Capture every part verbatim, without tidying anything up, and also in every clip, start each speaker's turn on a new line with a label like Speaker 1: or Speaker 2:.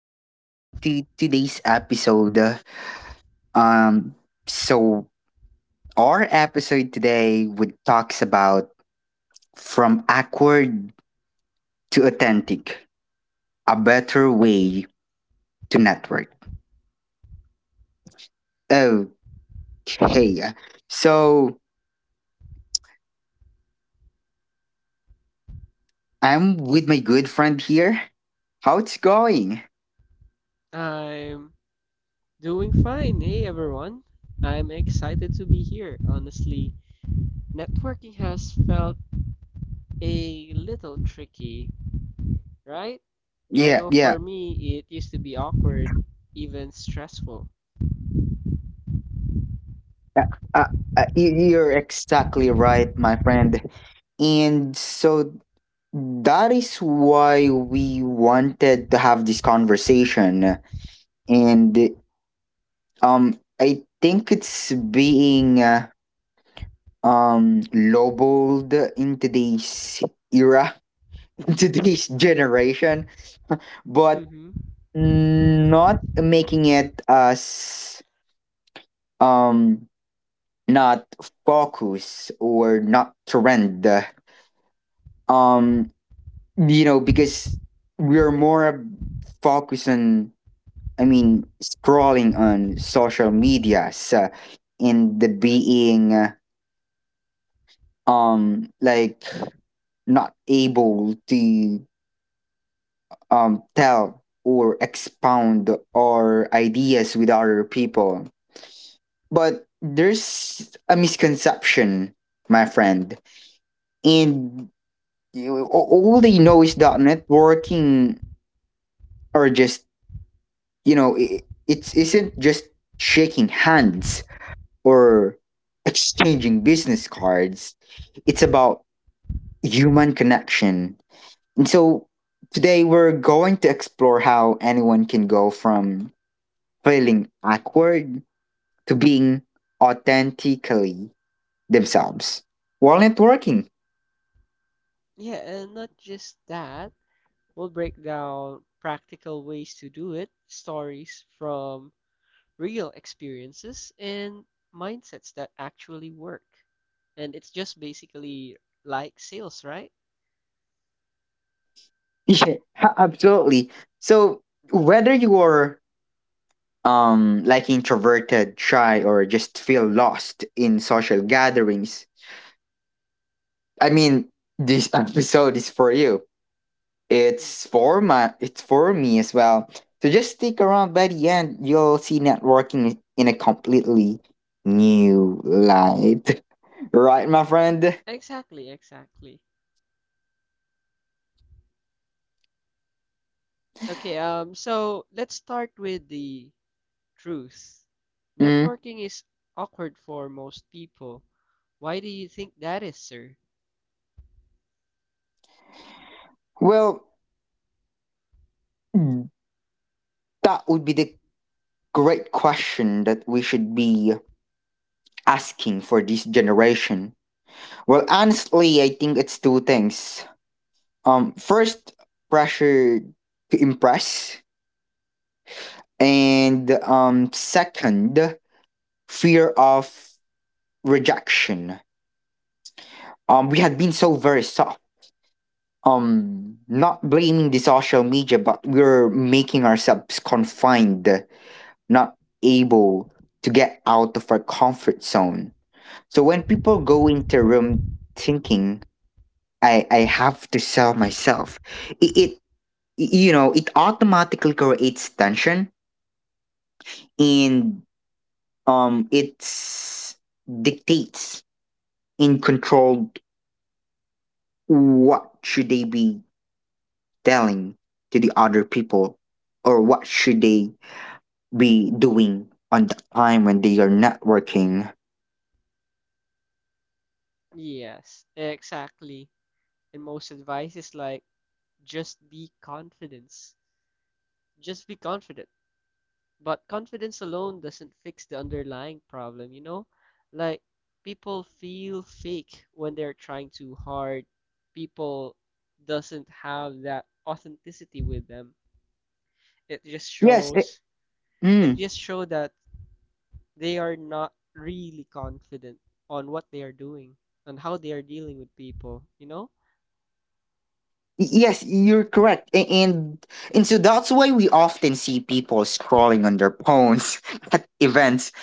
Speaker 1: to today's episode. Um, so our episode today would talks about from awkward to authentic, a better way to network. Okay, uh, so I'm with my good friend here. How it's going?
Speaker 2: I'm doing fine. Hey everyone. I'm excited to be here. Honestly, networking has felt a little tricky, right? I
Speaker 1: Yeah,
Speaker 2: know
Speaker 1: yeah.
Speaker 2: for me it used to be awkward, even stressful.
Speaker 1: Uh, uh, uh, you- you're exactly right, my friend. And so that is why we wanted to have this conversation. And um, I think it's being uh, um lowballed in today's era, in today's generation, but
Speaker 2: Mhm.
Speaker 1: not making it as um not focus or not trend. Um, you know, because we're more focused on, I mean, scrolling on social medias, uh, and the being uh, um like not able to um tell or expound our ideas with other people. But there's a misconception, my friend, and you- a- all they know is that networking are just, you know it, it isn't just shaking hands or exchanging business cards. It's about human connection. And so today we're going to explore how anyone can go from feeling awkward to being authentically themselves while networking.
Speaker 2: Yeah, and not just that. We'll break down practical ways to do it, stories from real experiences and mindsets that actually work. And it's just basically like sales, right?
Speaker 1: Yeah, a- absolutely. So whether you are um like introverted, shy, or just feel lost in social gatherings, I mean this episode is for you. It's for my it's for me as well. So just stick around by the end, you'll see networking in a completely new light. Right, my friend?
Speaker 2: Exactly, exactly. Okay, um, so let's start with the truth.
Speaker 1: Mm.
Speaker 2: Networking is awkward for most people. Why do you think that is, sir?
Speaker 1: Well, that would be the great question that we should be asking for this generation. Well, honestly, I think it's two things. Um, first, pressure to impress, and um, second, fear of rejection. Um we had been so very soft, um not blaming the social media, but we were making ourselves confined, not able to get out of our comfort zone. So when people go into a room thinking i i have to sell myself, it, it you know it automatically creates tension. And um it's dictates and controlled what should they be telling to the other people or what should they be doing on the time when they are not working.
Speaker 2: Yes, exactly. And most advice is like, just be confident. Just be confident. But confidence alone doesn't fix the underlying problem, you know? Like, people feel fake when they're trying too hard. People doesn't have that authenticity with them. It just
Speaker 1: yes eh,
Speaker 2: shows, it
Speaker 1: mm,
Speaker 2: just show that they are not really confident on what they are doing, on how they are dealing with people, you know?
Speaker 1: y- yes you're correct. A- and and so that's why we often see people scrolling on their phones at events.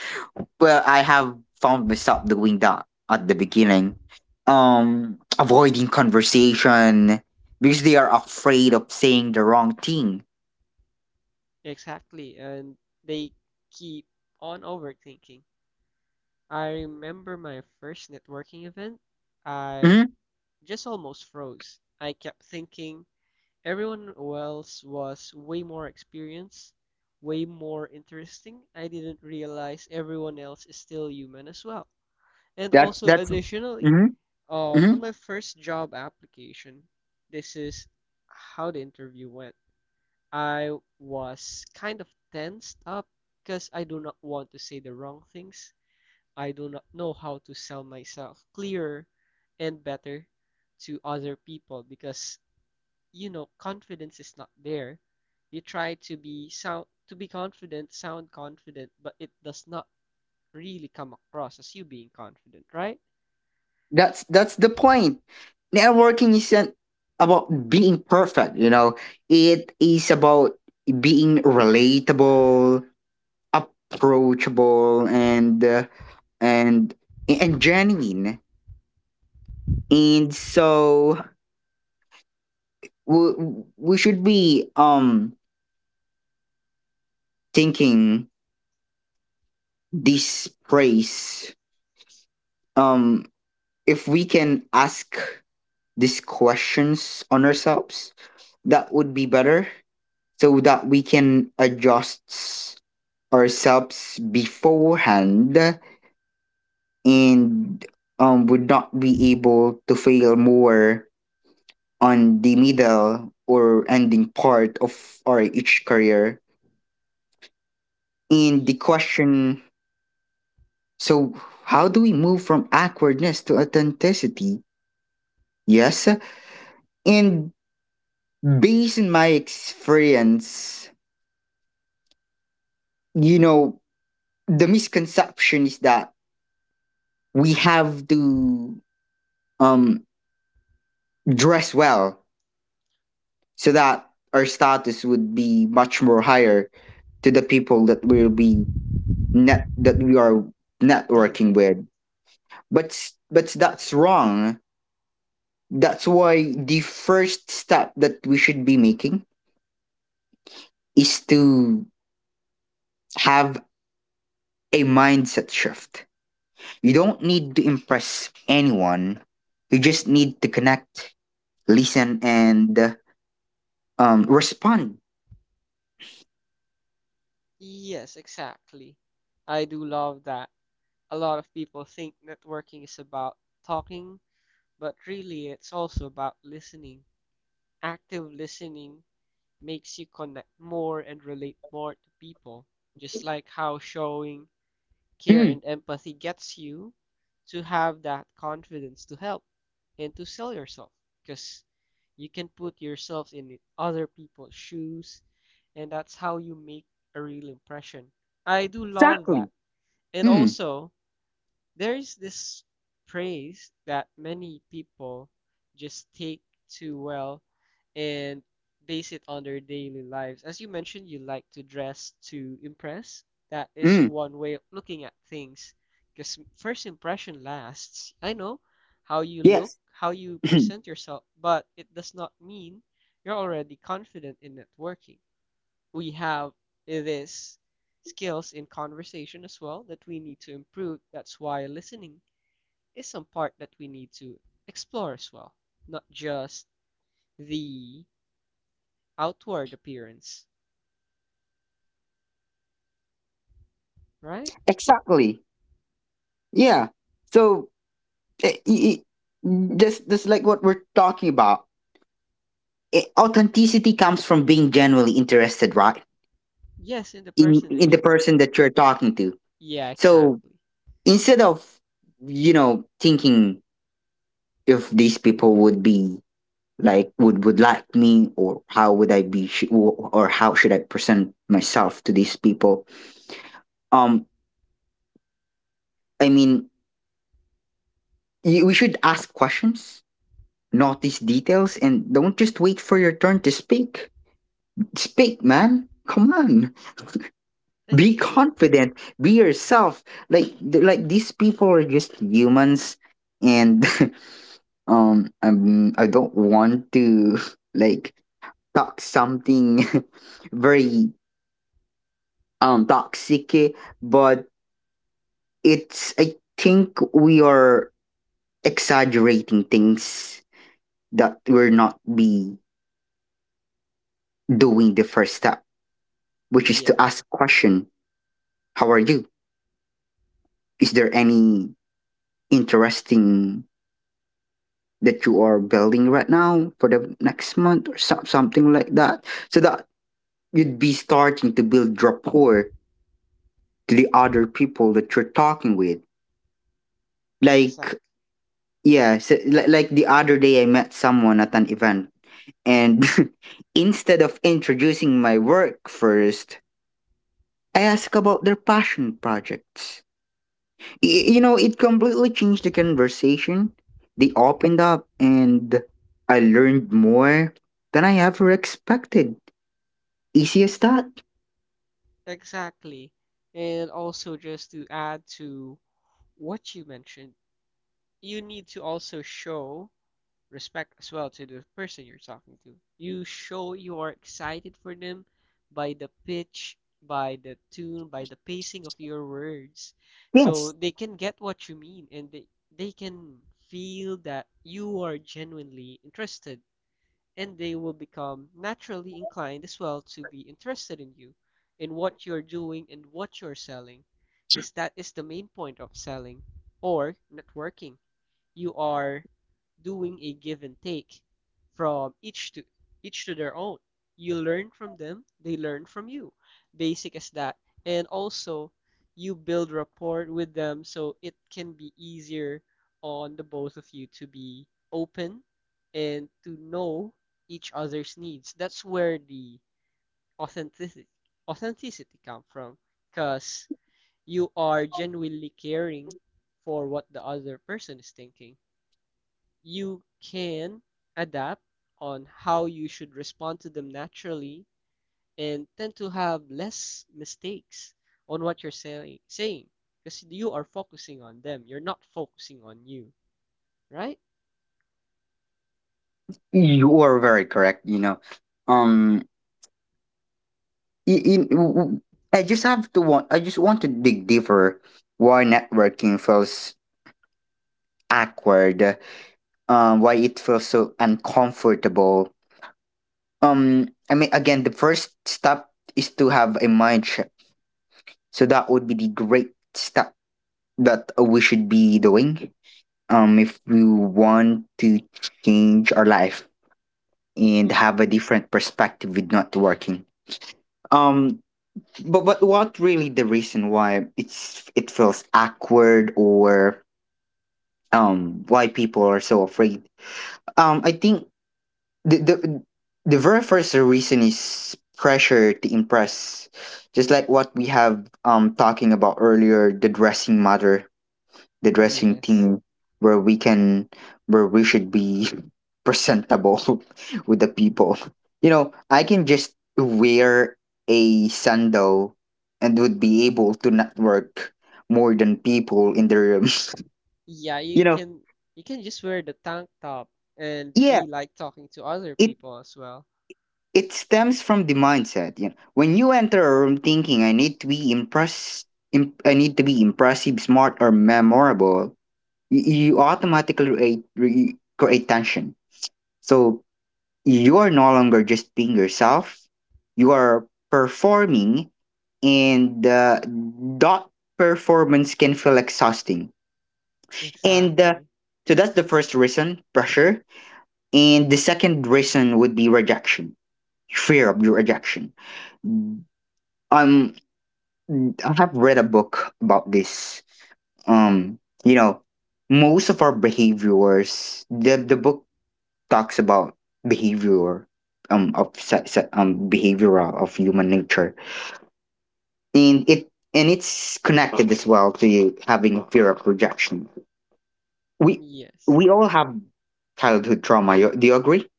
Speaker 1: Well, I have found myself doing that at the beginning, um avoiding conversation because they are afraid of saying the wrong thing.
Speaker 2: Exactly, and they keep on overthinking. I remember my first networking event. I
Speaker 1: Hmm.
Speaker 2: just almost froze. I kept thinking everyone else was way more experienced, way more interesting. I didn't realize everyone else is still human as well. And
Speaker 1: that's
Speaker 2: also,
Speaker 1: that's
Speaker 2: additionally,
Speaker 1: Mhm,
Speaker 2: uh, on
Speaker 1: mhm.
Speaker 2: my first job application, this is how the interview went. I was kind of tensed up because I do not want to say the wrong things. I do not know how to sell myself clearer and better to other people, because you know confidence is not there. You try to be sound to be confident, sound confident, but it does not really come across as you being confident, right?
Speaker 1: That's that's the point. Networking isn't about being perfect, you know. It is about being relatable, approachable, and uh, and and genuine. And so we, we should be um thinking this praise, um if we can ask these questions on ourselves, that would be better, so that we can adjust ourselves beforehand and, um, would not be able to fail more on the middle or ending part of our each career. And the
Speaker 2: Yes.
Speaker 1: question, so, how do we move from awkwardness to authenticity? Yes. And based on my experience, you know, the misconception is that we have to um dress well so that our status would be much more higher to the people that we'll be net that we are
Speaker 2: Dealing.
Speaker 1: networking with. But s- but that's wrong. That's why the first step that we should be making is to have a mindset shift. You don't need to impress anyone. You just need to connect, listen, and uh, um respond.
Speaker 2: Yes, exactly. I do love that. A lot of people think networking is about talking, but really it's also about listening. Active listening makes you connect more and relate more to people, just like how showing care
Speaker 1: Mm,
Speaker 2: and empathy gets you to have that confidence to help and to sell yourself, because you can put yourself in other people's shoes and that's how you make a real impression. I do love
Speaker 1: exactly.
Speaker 2: that. And
Speaker 1: Mm,
Speaker 2: also, there is this praise that many people just take too well and base it on their daily lives. As you mentioned, you like to dress to impress. That is
Speaker 1: mm.
Speaker 2: one way of looking at things because first impression lasts. I know how you look,
Speaker 1: Yes.
Speaker 2: how you present yourself, but it does not mean you're already confident in networking. We have this skills in conversation as well that we need to improve. That's why listening is some part that we need to explore as well, not just the outward appearance, right?
Speaker 1: Exactly. Yeah. So i i this this like what we're talking about. I Authenticity comes from being genuinely interested, right?
Speaker 2: Yes, in the
Speaker 1: In
Speaker 2: person that
Speaker 1: in the
Speaker 2: you're talking.
Speaker 1: person that you're talking to.
Speaker 2: Yeah,
Speaker 1: So
Speaker 2: exactly.
Speaker 1: instead of, you know thinking if these people would be like would would like me, or how would I be sh- or or how should I present myself to these people? Um, I mean, y- we should ask questions. Notice details and don't just wait for your turn to speak. Speak, man. Come on.
Speaker 2: Like
Speaker 1: Be
Speaker 2: y-
Speaker 1: confident. Be yourself. Like th- like these people are just humans, and um um, I don't want to like talk something very um toxic, eh, but it's I think we are exaggerating things, that we're not be doing the first step, which is to
Speaker 2: yes,
Speaker 1: ask question. How are you? Is there any interesting that you are building right now for the next month or so- something like that? So that you'd be starting to build rapport to the other people that you're talking with. Like,
Speaker 2: exactly,
Speaker 1: yeah, so, li- like the other day I met someone at an event and instead of introducing my work first, I ask about their passion projects. Y- you know, it completely changed the conversation. They opened up and I learned more than I ever expected. Easy as that.
Speaker 2: exactly. And also just to add to what you mentioned, you need to also show respect as well to the person you're talking to. You show you are excited for them by the pitch, by the tune, by the pacing of your words. So
Speaker 1: Yes.
Speaker 2: they can get what you mean, and they, they can feel that you are genuinely interested and they will become naturally inclined as well to be interested in you, in what you're doing and what you're selling, because that is the main point of selling or networking. You are doing a give and take from each to each to their own. You learn from them, they learn from you. Basic as that. And also you build rapport with them so it can be easier on the both of you to be open and to know each other's needs. That's where the authenticity authenticity come from, because you are genuinely caring for what the other person is thinking. You can adapt on how you should respond to them naturally and tend to have less mistakes on what you're saying saying, because you are focusing on them, you're not focusing on you, right?
Speaker 1: You are very correct. You know, um, i- in, w- w- I just have to want. I just want to dig deeper. Why networking feels awkward? Um, why it feels so uncomfortable? Um, I mean, again, the first step is to have a mind shift. So that would be the great step that we should be doing. Um, if we want to change our life and
Speaker 2: Mm,
Speaker 1: have a different perspective with networking. Um, but but what really the reason why it's it feels awkward, or um why people are so afraid, um I think the the, the very first reason is pressure to impress, just like what we have um talking about earlier, the dressing matter, the dressing
Speaker 2: yes,
Speaker 1: team, where we can where we should be presentable with the people. You know, I can just wear a sando and would be able to network more than people in the room.
Speaker 2: yeah, you
Speaker 1: you know,
Speaker 2: can you can just wear the tank top and
Speaker 1: yeah,
Speaker 2: be like talking to other
Speaker 1: it
Speaker 2: people as well.
Speaker 1: it stems from the mindset. You know, when you enter a room thinking I need to be impressed, imp- I need to be impressive, smart, or memorable, you, you automatically create, re- create tension. So you are no longer just being yourself, you are performing, and uh, that performance can feel exhausting. And uh,
Speaker 2: Exactly.
Speaker 1: so that's the first reason, pressure. And the second reason would be rejection, fear of your rejection. um I have read a book about this. um you know Most of our behaviors, the the book talks about behavior, um of se- se- um behavioral of human nature, and it and it's connected as well to having a fear of rejection. we
Speaker 2: Yes,
Speaker 1: we all have childhood trauma. You- do you agree?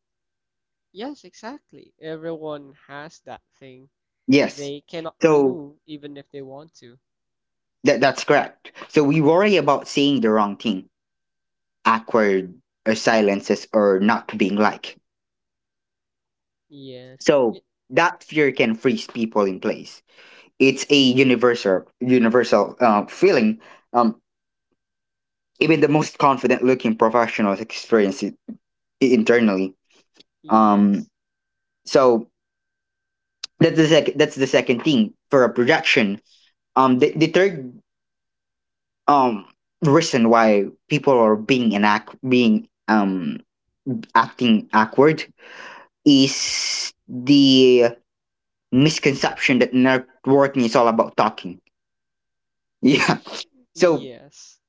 Speaker 2: yes, exactly, everyone has that thing
Speaker 1: Yes.
Speaker 2: they cannot
Speaker 1: So
Speaker 2: remove even if they want to.
Speaker 1: that that's correct. So we worry about saying the wrong thing, awkward or silences, or not being liked.
Speaker 2: Yes. y-
Speaker 1: So that fear can freeze people in place. It's a universal universal uh, feeling. um Even the most confident looking professionals experience it internally. um
Speaker 2: Yes.
Speaker 1: so that's the second that's the second thing, for a projection. Um the, the third um reason why people are being an act being um acting awkward is the misconception that networking is all about talking. Yeah. So,
Speaker 2: Yes.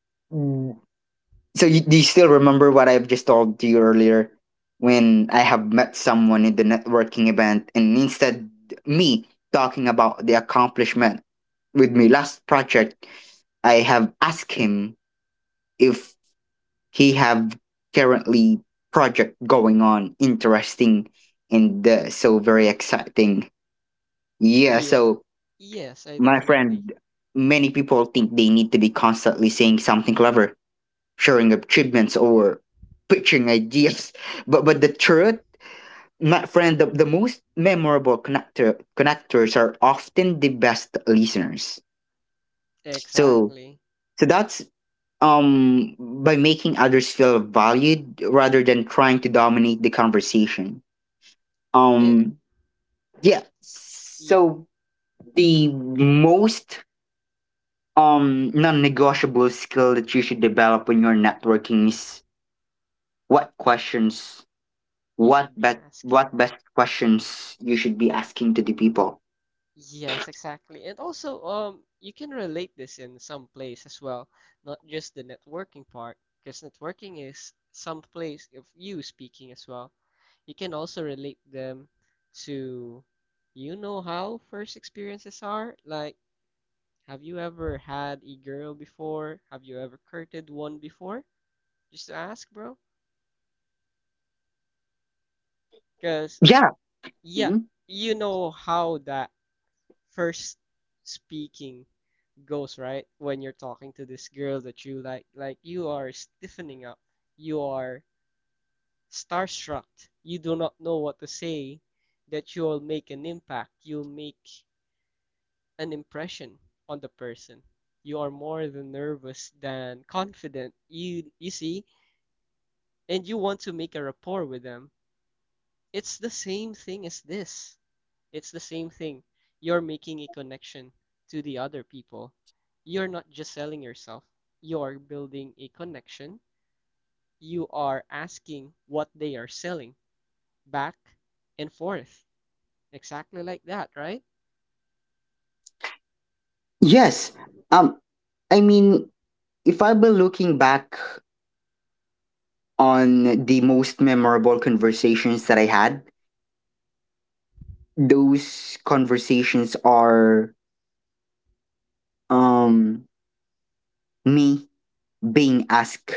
Speaker 1: So you, do you still remember what I've just told to you earlier, when I have met someone in the networking event, and instead me talking about the accomplishment with my last project, I have asked him if he have currently project going on interesting and, uh, so very exciting. Yeah,
Speaker 2: Yeah.
Speaker 1: so
Speaker 2: Yes, I
Speaker 1: my
Speaker 2: definitely.
Speaker 1: friend, many people think they need to be constantly saying something clever, sharing achievements or pitching ideas. But but the truth, my friend, the, the most memorable connector connectors are often the best listeners. So
Speaker 2: Exactly.
Speaker 1: so that's, um by making others feel valued rather than trying to dominate the conversation.
Speaker 2: It,
Speaker 1: Um yeah.
Speaker 2: yeah,
Speaker 1: So the most um non-negotiable skill that you should develop when you're networking is what questions
Speaker 2: you
Speaker 1: what
Speaker 2: should be
Speaker 1: best what
Speaker 2: asking.
Speaker 1: best questions you should be asking to the people.
Speaker 2: Yes, exactly. And also, um, you can relate this in some place as well, not just the networking part, because networking is some place of you speaking as well. You can also relate them to, you know how first experiences are? Like, Have you ever had a girl before? Have you ever courted one before? Just to ask, bro. Because,
Speaker 1: Yeah.
Speaker 2: yeah,
Speaker 1: Mhm.
Speaker 2: you know how that first speaking goes, right? When you're talking to this girl that you like, like you are stiffening up, you are starstruck, you do not know what to say, that you'll make an impact, you'll make an impression on the person. You are more than nervous than confident. You you see, and you want to make a rapport with them, it's the same thing as this. It's the same thing. You're making a connection to the other people. You're not just selling yourself, you're building a connection. You are asking what they are selling back and forth. Exactly like that, right?
Speaker 1: Yes. um I mean, if I've been looking back on the most memorable conversations that I had, those conversations are um me being asked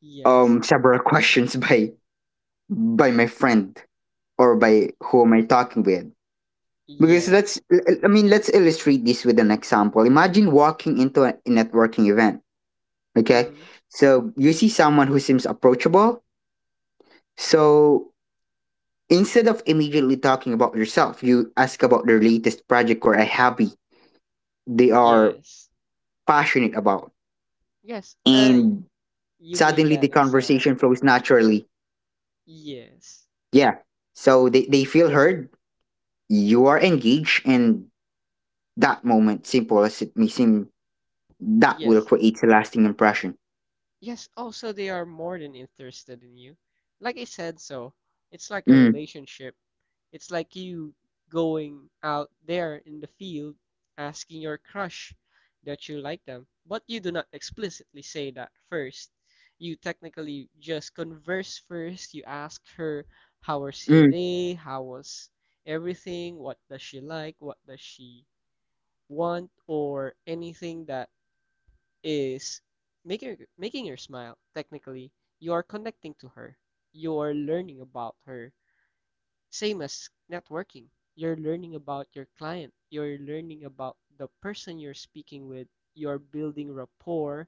Speaker 2: Yes.
Speaker 1: um several questions by by my friend, or
Speaker 2: Y-
Speaker 1: by who am I talking with. Because
Speaker 2: Yes.
Speaker 1: let's I mean let's illustrate this with an example. Imagine walking into a networking event. Okay.
Speaker 2: Mhm.
Speaker 1: So you see someone who seems approachable. So instead of immediately talking about yourself, you ask about their latest project or a hobby they are
Speaker 2: Yes.
Speaker 1: passionate about.
Speaker 2: Yes. Uh,
Speaker 1: And
Speaker 2: you made
Speaker 1: suddenly the
Speaker 2: that
Speaker 1: conversation
Speaker 2: example.
Speaker 1: flows naturally.
Speaker 2: Yes.
Speaker 1: Yeah. So they, they feel heard, you are engaged, and that moment, simple as it may seem, that will
Speaker 2: Yes.
Speaker 1: create a lasting impression.
Speaker 2: Yes, also they are more than interested in you. Like I said, so it's like a
Speaker 1: Mm,
Speaker 2: relationship. It's like you going out there in the field asking your crush that you like them, but you do not explicitly say that first. You technically just converse first. You ask her how was her
Speaker 1: mm,
Speaker 2: day, how was everything, what does she like, what does she want, or anything that is making her- making her smile. Technically, you are connecting to her. You are learning about her. Same as networking. You're learning about your client. You're learning about the person you're speaking with. You're building rapport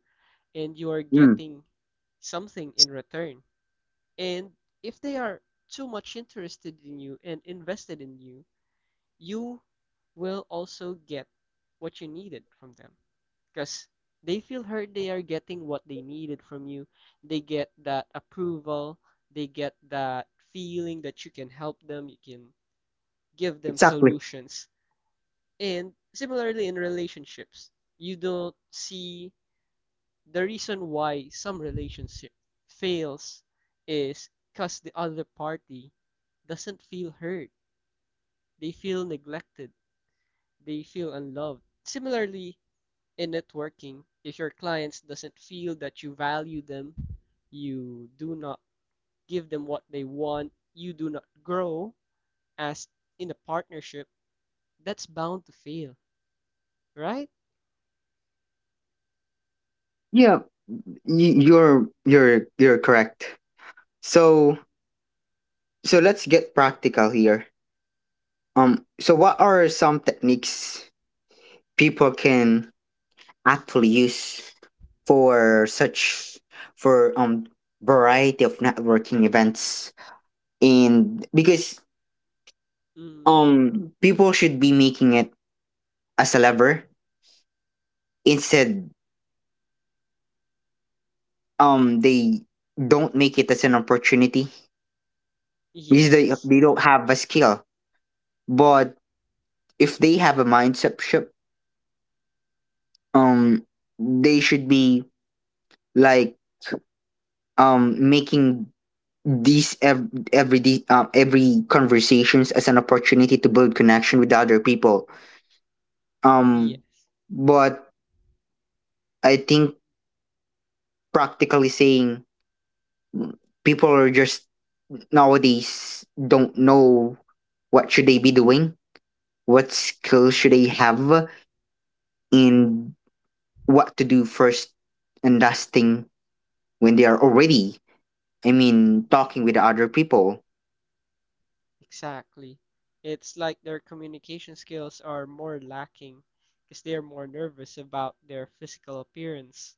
Speaker 2: and you are
Speaker 1: mm.
Speaker 2: getting something in return. And if they are too much interested in you and invested in you, you will also get what you needed from them because they feel hurt, they are getting what they needed from you. They get that approval, they get that feeling that you can help them, you can give them
Speaker 1: Exactly.
Speaker 2: solutions. And similarly in relationships, you don't see the reason why some relationship fails is because the other party doesn't feel hurt, they feel neglected, they feel unloved. Similarly in networking, if your clients doesn't feel that you value them, you do not give them what they want, you do not grow as in a partnership. That's bound to fail, right?
Speaker 1: Yeah, y- you're you're you're correct. So So let's get practical here. Um, so what are some techniques people can actually use for such for um variety of networking events. And because
Speaker 2: Hmm.
Speaker 1: um People should be making it as a lever instead. Um they don't make it as an opportunity because they
Speaker 2: Yes.
Speaker 1: they don't have a skill, but if they have a mindset shift, um they should be like um making these ev- every de- um, every conversations as an opportunity to build connection with other people. um
Speaker 2: Yes.
Speaker 1: but i think, practically saying, people are just nowadays don't know what should they be doing, what skills should they have, and what to do first and last thing when they are already, i mean, talking with other people.
Speaker 2: Exactly. It's like their communication skills are more lacking because they are more nervous about their physical appearance.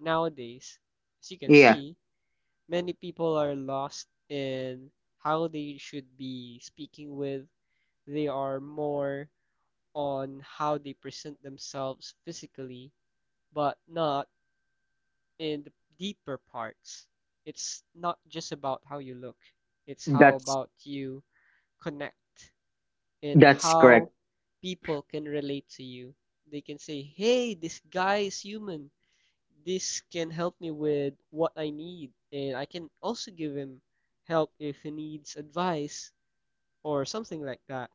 Speaker 2: Nowadays, as you can
Speaker 1: Yeah,
Speaker 2: see, many people are lost in how they should be speaking with. They are more on how they present themselves physically, but not in the deeper parts. It's not just about how you look, it's how
Speaker 1: that's
Speaker 2: about you connect and
Speaker 1: that's
Speaker 2: how
Speaker 1: correct.
Speaker 2: people can relate to you. They can say, hey, this guy is human, this can help me with what I need, and I can also give him help if he needs advice or something like that.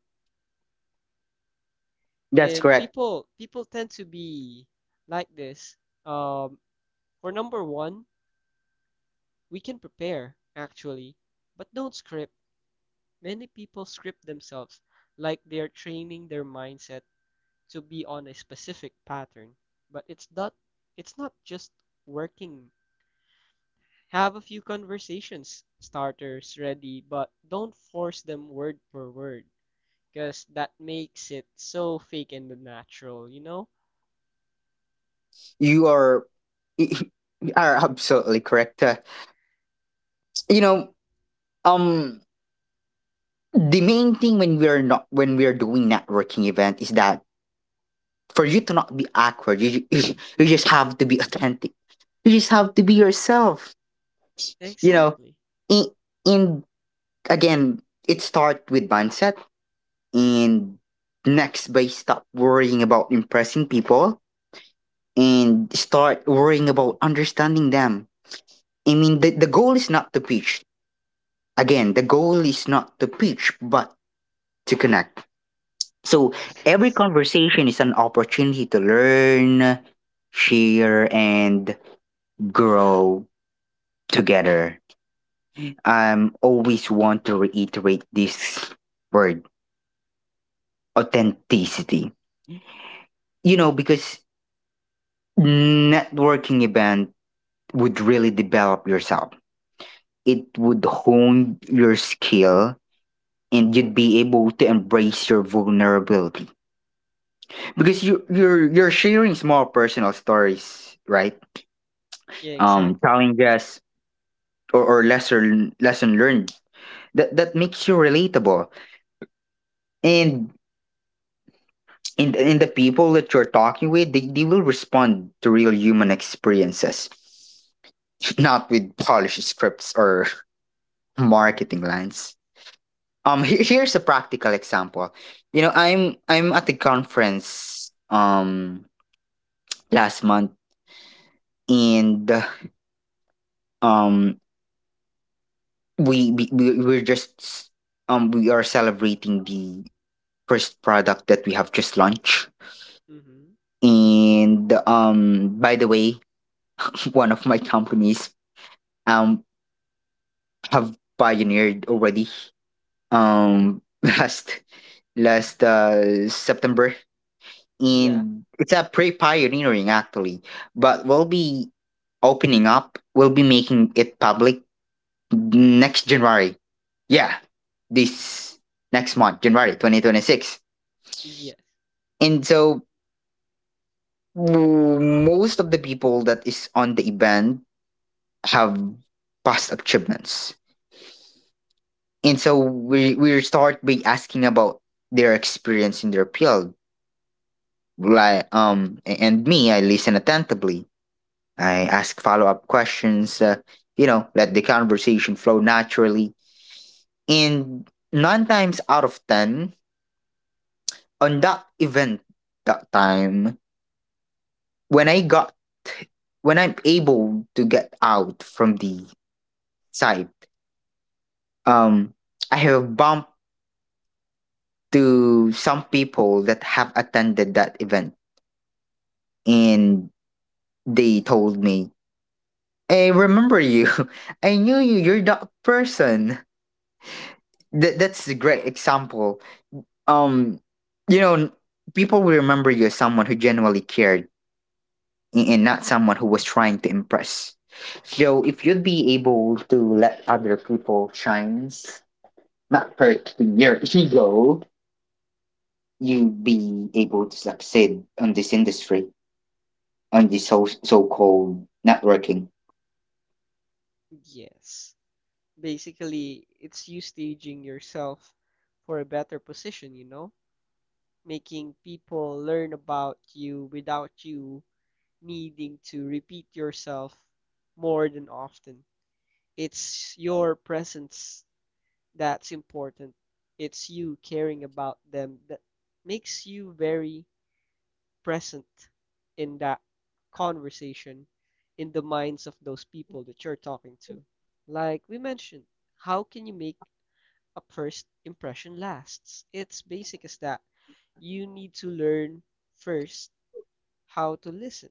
Speaker 1: That's
Speaker 2: And
Speaker 1: correct.
Speaker 2: people people tend to be like this. Um, for number one, we can prepare actually, but don't script. Many people script themselves like they're training their mindset to be on a specific pattern, but it's not it's not just working. Have a few conversations starters ready, but don't force them word per word because that makes it so fake and unnatural, you know?
Speaker 1: You are you are absolutely correct. Uh, you know, um, the main thing when we are not when we are doing networking event is that for you to not be awkward, you you, you just have to be authentic. You just have to be yourself. You know,
Speaker 2: Exactly.
Speaker 1: in, in again, it starts with mindset, and next by stop worrying about impressing people and start worrying about understanding them. I mean, the, the goal is not to pitch. Again, the goal is not to preach, but to connect. So every
Speaker 2: Yes.
Speaker 1: conversation is an opportunity to learn, share, and grow together. I always want to reiterate this word, authenticity. You know, because networking event would really develop yourself. It would hone your skill and you'd be able to embrace your vulnerability because you you're you're sharing small personal stories, right?
Speaker 2: Yeah,
Speaker 1: Um
Speaker 2: exactly.
Speaker 1: challenges or, or lesser lesson learned, that that makes you relatable, and in in the people that you're talking with, they, they will respond to real human experiences, not with polished scripts or marketing lines. um here, here's a practical example. You know, i'm i'm at a conference, um last month, and um we we we- we're just um we are celebrating the first product that we have just launched.
Speaker 2: Mm-hmm.
Speaker 1: And um by the way, one of my companies um have pioneered already, um last last uh September,
Speaker 2: Yeah.
Speaker 1: and it's a pre-pioneering actually, but we'll be opening up, we'll be making it public next January. Yeah, this next month, January twenty twenty-six.
Speaker 2: Yes.
Speaker 1: And so w- most of the people that is on the event have past achievements. And so we we start by asking about their experience in their field. Like, um a- and me, I listen attentively. I ask follow up questions. Uh, you know, let the conversation flow naturally. And nine times out of ten, on that event, that time, when I got when I'm able to get out from the site, um I have bumped to some people that have attended that event, and they told me, I remember you. I knew you. You're that person. That that's a great example. Um, you know, people will remember you as someone who genuinely cared, and and not someone who was trying to impress. So if you'd be able to let other people shine, not hurt your ego, you be able to succeed on this industry, on this so so called networking.
Speaker 2: Yes. Basically, it's you staging yourself for a better position, you know? Making people learn about you without you needing to repeat yourself more than often. It's your presence that's important. It's you caring about them that makes you very present in that conversation in the minds of those people that you're talking to. Like we mentioned, how can you make a first impression lasts? It's basic as that. You need to learn first how to listen.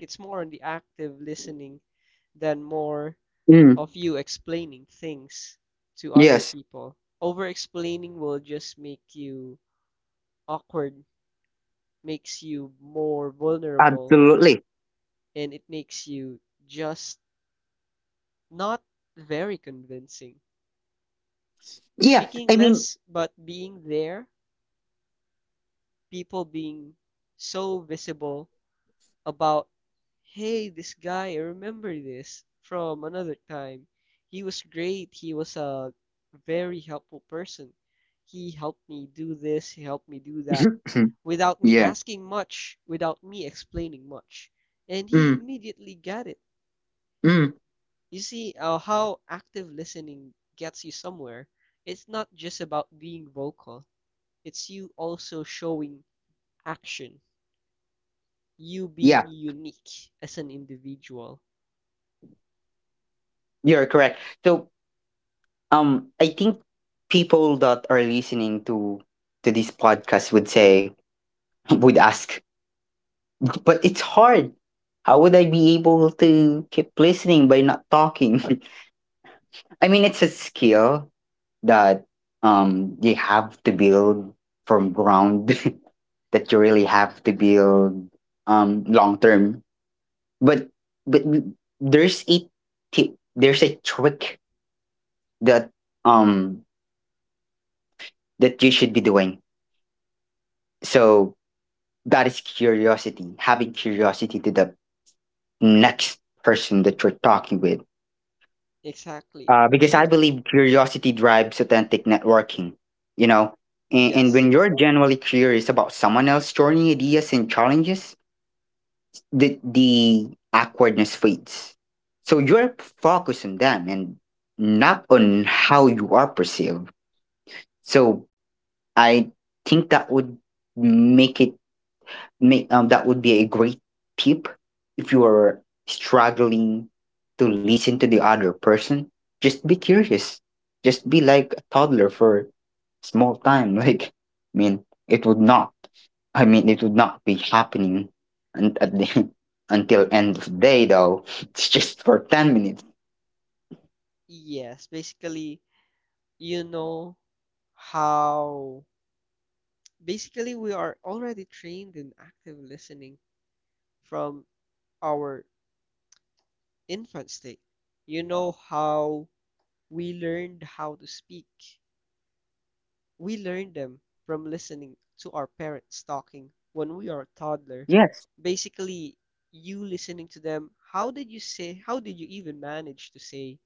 Speaker 2: It's more on the active listening than more
Speaker 1: Mm,
Speaker 2: of you explaining things to other
Speaker 1: yes,
Speaker 2: people. Over explaining will just make you awkward, makes you more vulnerable,
Speaker 1: absolutely.
Speaker 2: and it makes you just not very convincing.
Speaker 1: Yeah,
Speaker 2: Speaking
Speaker 1: I mean,
Speaker 2: less, but being there, people being so visible about, hey, this guy, I remember this from another time. He was great. He was a very helpful person. He helped me do this, he helped me do that without me
Speaker 1: yeah,
Speaker 2: asking much, without me explaining much. And he
Speaker 1: mm,
Speaker 2: immediately got it.
Speaker 1: mm,
Speaker 2: You see uh, how active listening gets you somewhere. It's not just about being vocal, it's you also showing action, you
Speaker 1: yeah,
Speaker 2: being unique as an individual.
Speaker 1: you're correct. So, um, I think people that are listening to to this podcast would say, would ask, but it's hard. How would I be able to keep listening by not talking? I mean, it's a skill that um you have to build from ground, that you really have to build um long term. But but there's a tip, there's a trick that um that you should be doing. So that is curiosity, having curiosity to the next person that you're talking with.
Speaker 2: Exactly.
Speaker 1: Uh, because
Speaker 2: You,
Speaker 1: I believe curiosity drives authentic networking, you know. And, and
Speaker 2: yes,
Speaker 1: when you're genuinely curious about someone else's journey, ideas, and challenges, the, the awkwardness fades. So you're focused on them and not on how you are perceived. So I think that would make it. May, um, that would be a great tip if you are struggling to listen to the other person. Just be curious. Just be like a toddler for small time. Like, I mean, it would not. I mean, it would not be happening and at
Speaker 2: it,
Speaker 1: the until
Speaker 2: it,
Speaker 1: end of the day, though. It's just for ten minutes.
Speaker 2: yes. Basically, you know how, basically, we are already trained in active listening from our infant state. You know how we learned how to speak. We learned them from listening to our parents talking when we are a toddler.
Speaker 1: Yes.
Speaker 2: Basically, you listening to them, how did you say, how did you even manage to say,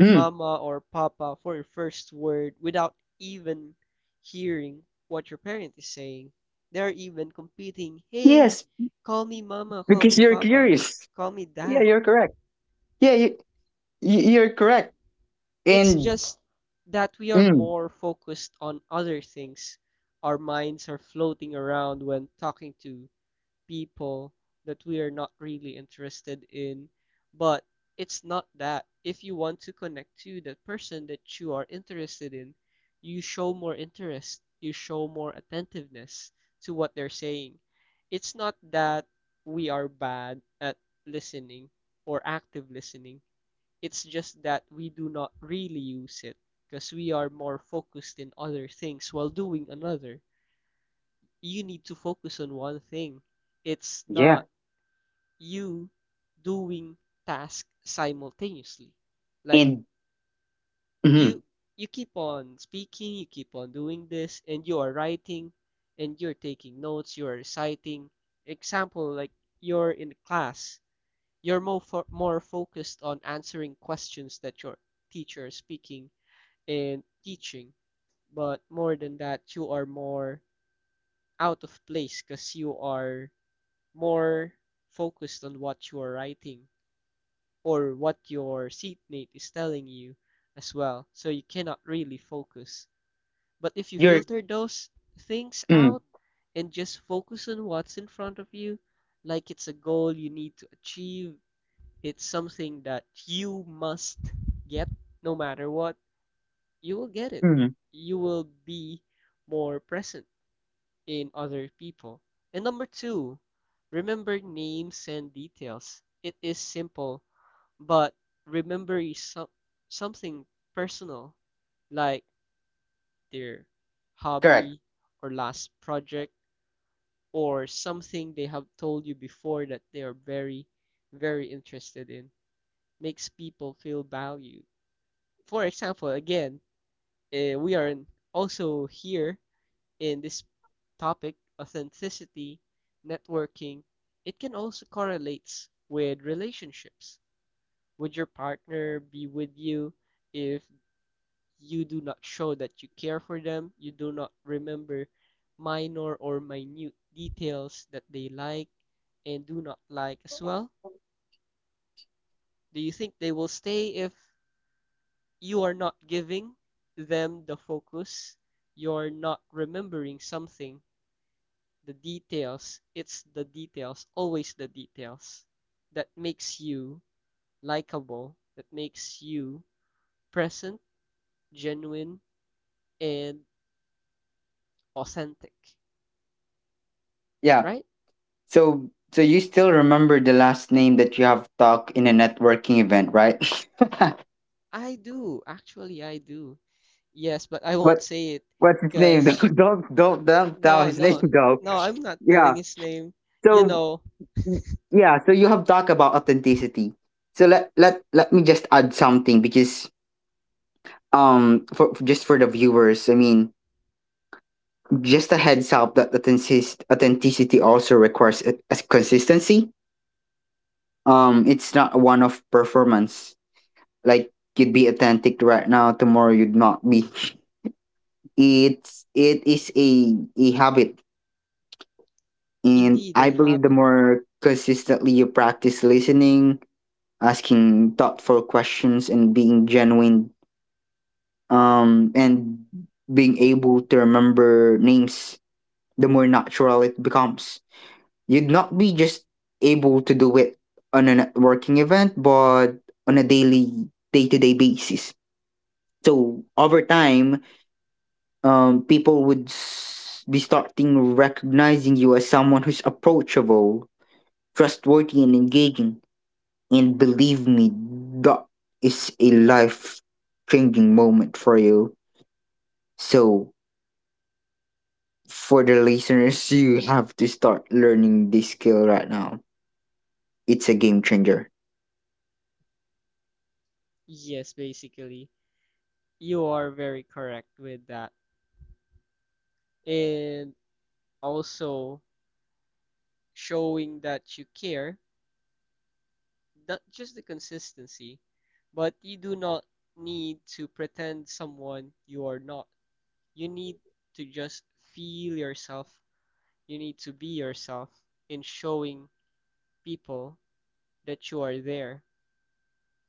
Speaker 1: Mm.
Speaker 2: mama or papa for your first word without even hearing what your parent is saying. They're even competing, hey,
Speaker 1: Yes,
Speaker 2: call me mama, call
Speaker 1: because
Speaker 2: me
Speaker 1: you're
Speaker 2: papa,
Speaker 1: curious.
Speaker 2: call me
Speaker 1: Yeah,
Speaker 2: dad.
Speaker 1: you're correct. Yeah, you, you- you're correct.
Speaker 2: It's
Speaker 1: And
Speaker 2: just that we are
Speaker 1: mm,
Speaker 2: more focused on other things. Our minds are floating around when talking to people that we are not really interested in. But it's not that. If you want to connect to that person that you are interested in, you show more interest, you show more attentiveness to what they're saying. It's not that we are bad at listening or active listening. It's just that we do not really use it because we are more focused in other things while doing another. You need to focus on one thing. It's
Speaker 1: yeah,
Speaker 2: not you doing tasks simultaneously. Like
Speaker 1: and mhm.
Speaker 2: you you keep on speaking, you keep on doing this, and you are writing, and you're taking notes, you are reciting. Example, like you're in class, you're more fo more focused on answering questions that your teacher is speaking and teaching, but more than that, you are more out of place because you are more focused on what you are writing or what your seatmate is telling you as well. So you cannot really focus. But if you
Speaker 1: You're
Speaker 2: filter those things
Speaker 1: mm,
Speaker 2: out and just focus on what's in front of you, like it's a goal you need to achieve, it's something that you must get no matter what, you will get it.
Speaker 1: mm,
Speaker 2: You will be more present in other people. And number two, remember names and details. It is simple, but remember some, something personal, like their
Speaker 1: correct.
Speaker 2: hobby or last project or something they have told you before that they are very, very interested in. Makes people feel valued. For example, again, uh, we are in, also here in this topic, authenticity, networking. It can also correlates with relationships. Would your partner be with you if you do not show that you care for them, you do not remember minor or minute details that they like and do not like as well? Do you think they will stay if you are not giving them the focus? You're not remembering something, the details. It's the details, always the details, that makes you likable, that makes you present, genuine, and authentic,
Speaker 1: Yeah.
Speaker 2: right?
Speaker 1: So so you still remember the last name that you have talked in a networking event, right?
Speaker 2: I do. Actually, I do. Yes, but I won't
Speaker 1: what
Speaker 2: say it,
Speaker 1: what's his name?
Speaker 2: because
Speaker 1: Don't don't don't don't tell
Speaker 2: no,
Speaker 1: his name
Speaker 2: no,
Speaker 1: though.
Speaker 2: no, I'm not
Speaker 1: Yeah.
Speaker 2: telling his name. You
Speaker 1: So
Speaker 2: know,
Speaker 1: y- yeah, so you have talked about authenticity. So let let let me just add something because um for just for the viewers, I mean, just a heads up that authentic- authenticity also requires a, a consistency. Um, it's not one of performance. Like, you'd be authentic right now, tomorrow you'd not be. It's it is a a habit, and
Speaker 2: indeed,
Speaker 1: I
Speaker 2: and
Speaker 1: believe the
Speaker 2: habit.
Speaker 1: more consistently you practice listening, asking thoughtful questions, and being genuine, um, and being able to remember names, the more natural it becomes. You'd not be just able to do it on a networking event, but on a daily, day to day basis. So over time, um, people would s- be starting recognizing you as someone who's approachable, trustworthy, and engaging. And believe me, that is a life changing moment for you. So, for the listeners, you have to start learning this skill right now. It's a game changer.
Speaker 2: Yes, basically. You are very correct with that. And also showing that you care, not just the consistency, but you do not need to pretend someone you are not. You need to just feel yourself. You need to be yourself in showing people that you are there.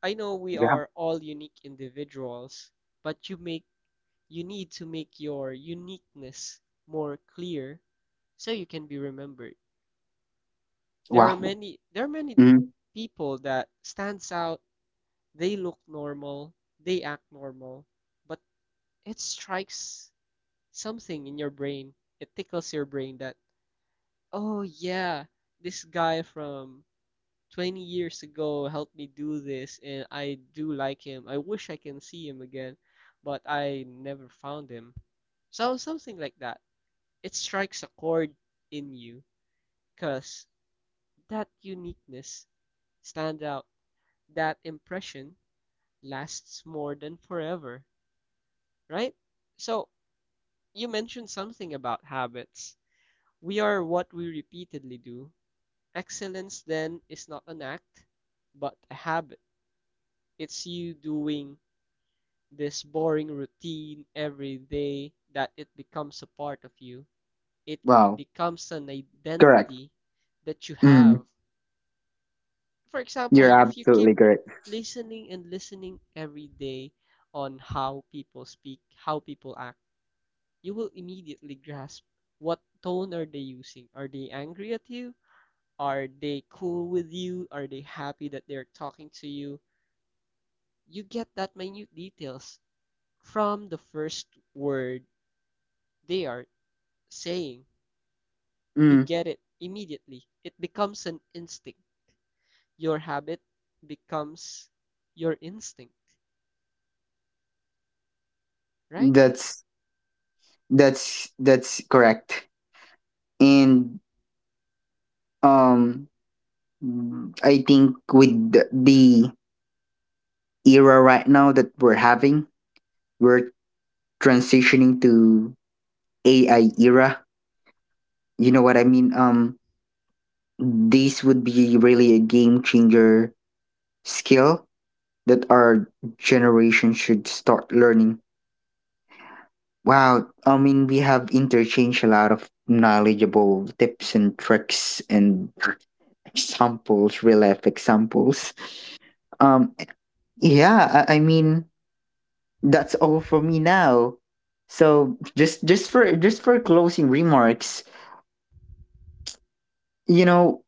Speaker 2: I know we
Speaker 1: Yeah.
Speaker 2: are all unique individuals, but you make you need to make your uniqueness more clear so you can be remembered. There are
Speaker 1: Wow.
Speaker 2: many there are many
Speaker 1: Mm.
Speaker 2: people that stands out, they look normal, they act normal, but it strikes something in your brain. It tickles your brain that, oh yeah, this guy from twenty years ago helped me do this, and I do like him. I wish I can see him again, but I never found him. So something like that. It strikes a chord in you, cause that uniqueness stands out. That impression lasts more than forever, right? So you mentioned something about habits. We are what we repeatedly do. Excellence then is not an act, but a habit. It's you doing this boring routine every day that it becomes a part of you. It
Speaker 1: Wow.
Speaker 2: becomes an
Speaker 1: Correct.
Speaker 2: identity that you
Speaker 1: Mm.
Speaker 2: have. For example,
Speaker 1: You're
Speaker 2: if you keep
Speaker 1: absolutely correct.
Speaker 2: listening and listening every day on how people speak, how people act, you will immediately grasp, what tone are they using? Are they angry at you? Are they cool with you? Are they happy that they're talking to you? You get that minute details from the first word they are saying, you
Speaker 1: Mm.
Speaker 2: get it immediately. It becomes an instinct. Your habit becomes your instinct, right?
Speaker 1: That's that's that's correct. And um Mm, I think with the the era right now that we're having, we're transitioning to A I era. You know what I mean? Um, this would be really a game changer skill that our generation should start learning. Wow, I mean, we have interchanged a lot of knowledgeable tips and tricks and examples, real life examples. Um, yeah, I, I mean, that's all for me now. So just just for just for closing remarks, you know,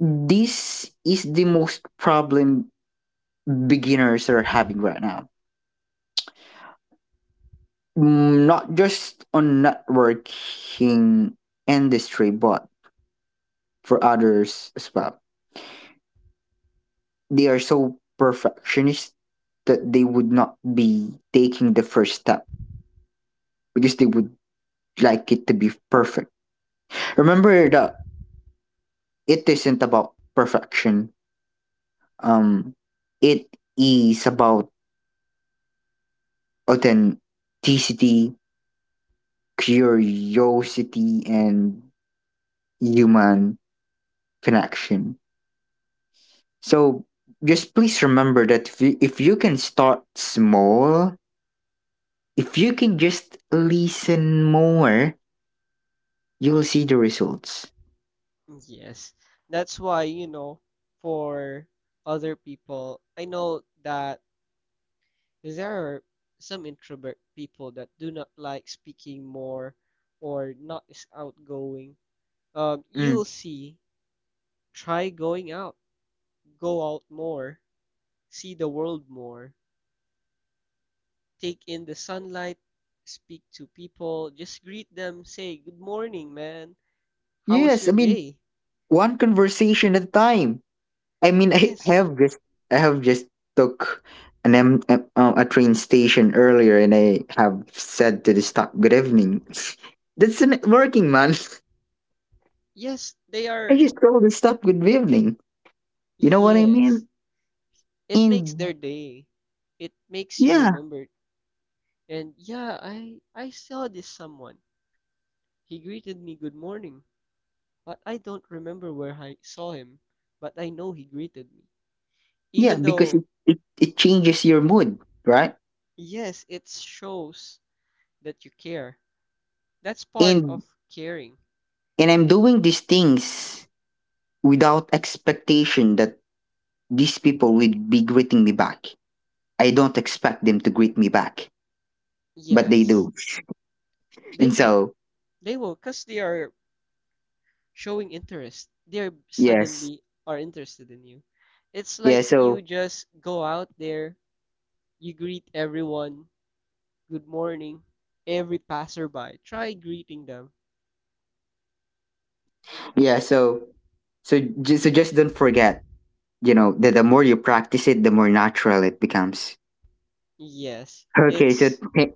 Speaker 1: this is the most problem beginners are having right now. Mm, not just on networking industry, but for others as well. They are so perfectionist that they would not be taking the first step because they would like it to be perfect. Remember that it isn't about perfection. Um, it is about authenticity, curiosity, and human connection. So just please remember that if you, if you can start small, if you can just listen more, you'll see the results.
Speaker 2: Yes. That's why, you know, for other people, I know that there are some introvert people that do not like speaking more or not as outgoing. Um,
Speaker 1: Mm.
Speaker 2: you'll see, try going out, go out more, see the world more, take in the sunlight, speak to people, just greet them, say, good morning, man. How was
Speaker 1: Yes, I
Speaker 2: your
Speaker 1: mean,
Speaker 2: day?
Speaker 1: one conversation at a time. I mean, I I
Speaker 2: Yes,
Speaker 1: have just I have just took an M, M- um, a train station earlier, and I have said to the stop, good evening. That's not working, man.
Speaker 2: yes, they
Speaker 1: I
Speaker 2: are,
Speaker 1: just told the stop good evening. You know what I
Speaker 2: yes.
Speaker 1: mean?
Speaker 2: It makes
Speaker 1: And
Speaker 2: their day. It makes you
Speaker 1: yeah,
Speaker 2: remember. And yeah, I I saw this someone. He greeted me good morning, but I don't remember where I saw him, but I know he greeted me.
Speaker 1: yeah,
Speaker 2: Even
Speaker 1: because it,
Speaker 2: though,
Speaker 1: it, it changes your mood, right?
Speaker 2: yes, it shows that you care. That's part
Speaker 1: And
Speaker 2: of caring.
Speaker 1: and I'm doing these things without expectation that these people would be greeting me back. I don't expect them to greet me back, but they
Speaker 2: Yes.
Speaker 1: do. And
Speaker 2: They will
Speaker 1: so,
Speaker 2: They will, because they are showing interest. They
Speaker 1: yes.
Speaker 2: suddenly are interested in you. It's
Speaker 1: Yeah,
Speaker 2: like you
Speaker 1: so
Speaker 2: just go out there, you greet everyone, good morning, every passerby. Try greeting them.
Speaker 1: yeah, so so just so just don't forget, you know, that the more you practice it, the more natural it becomes.
Speaker 2: Yes,
Speaker 1: Okay, so
Speaker 2: it's
Speaker 1: th-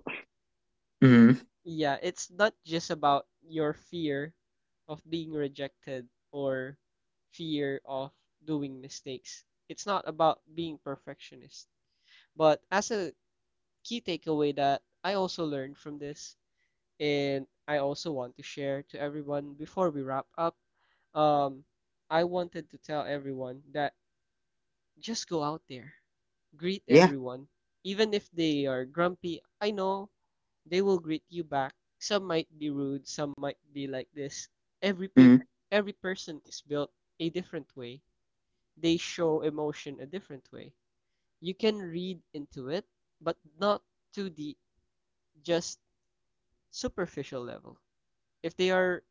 Speaker 1: mm,
Speaker 2: yeah, it's not just about your fear of being rejected or fear of doing mistakes. It's not about being perfectionist. But as a key takeaway that I also learned from this. And I also want to share to everyone before we wrap up. Um, I wanted to tell everyone that just go out there, greet
Speaker 1: yeah,
Speaker 2: everyone, even if they are grumpy. I know they will greet you back. Some might be rude, some might be like this. Every pe-
Speaker 1: mm,
Speaker 2: every person is built a different way. They show emotion a different way. You can read into it, but not to the just superficial level. If they are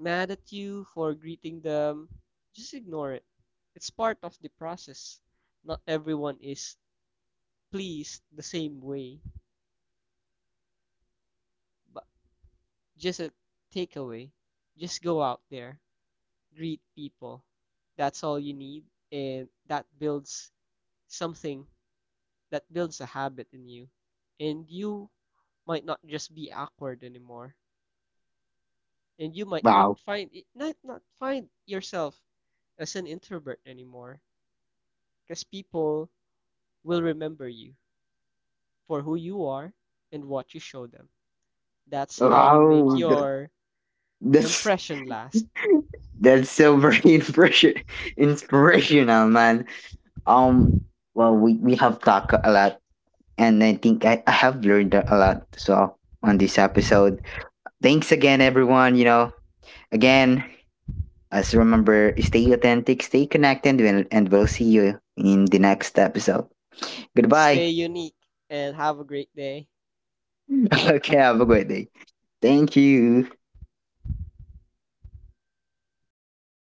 Speaker 2: mad at you for greeting them, just ignore it. It's part of the process. Not everyone is pleased the same way. But just a takeaway, just go out there, greet people. That's all you need, and that builds something, that builds a habit in you. And you might not just be awkward anymore. And you might
Speaker 1: wow,
Speaker 2: not find it, not, not find yourself as an introvert anymore, because people will remember you for who you are and what you show them. That's how you make
Speaker 1: wow, th-
Speaker 2: your
Speaker 1: that's
Speaker 2: impression last.
Speaker 1: that's so very inspiration, inspirational, man. Um, well, we we have talked a lot, and I think I, I have learned a lot so on this episode. Thanks again, everyone. You know, again, as remember, stay authentic, stay connected, and and we'll see you in the next episode. Goodbye.
Speaker 2: Stay unique and have a great day.
Speaker 1: okay, have a great day. Thank you.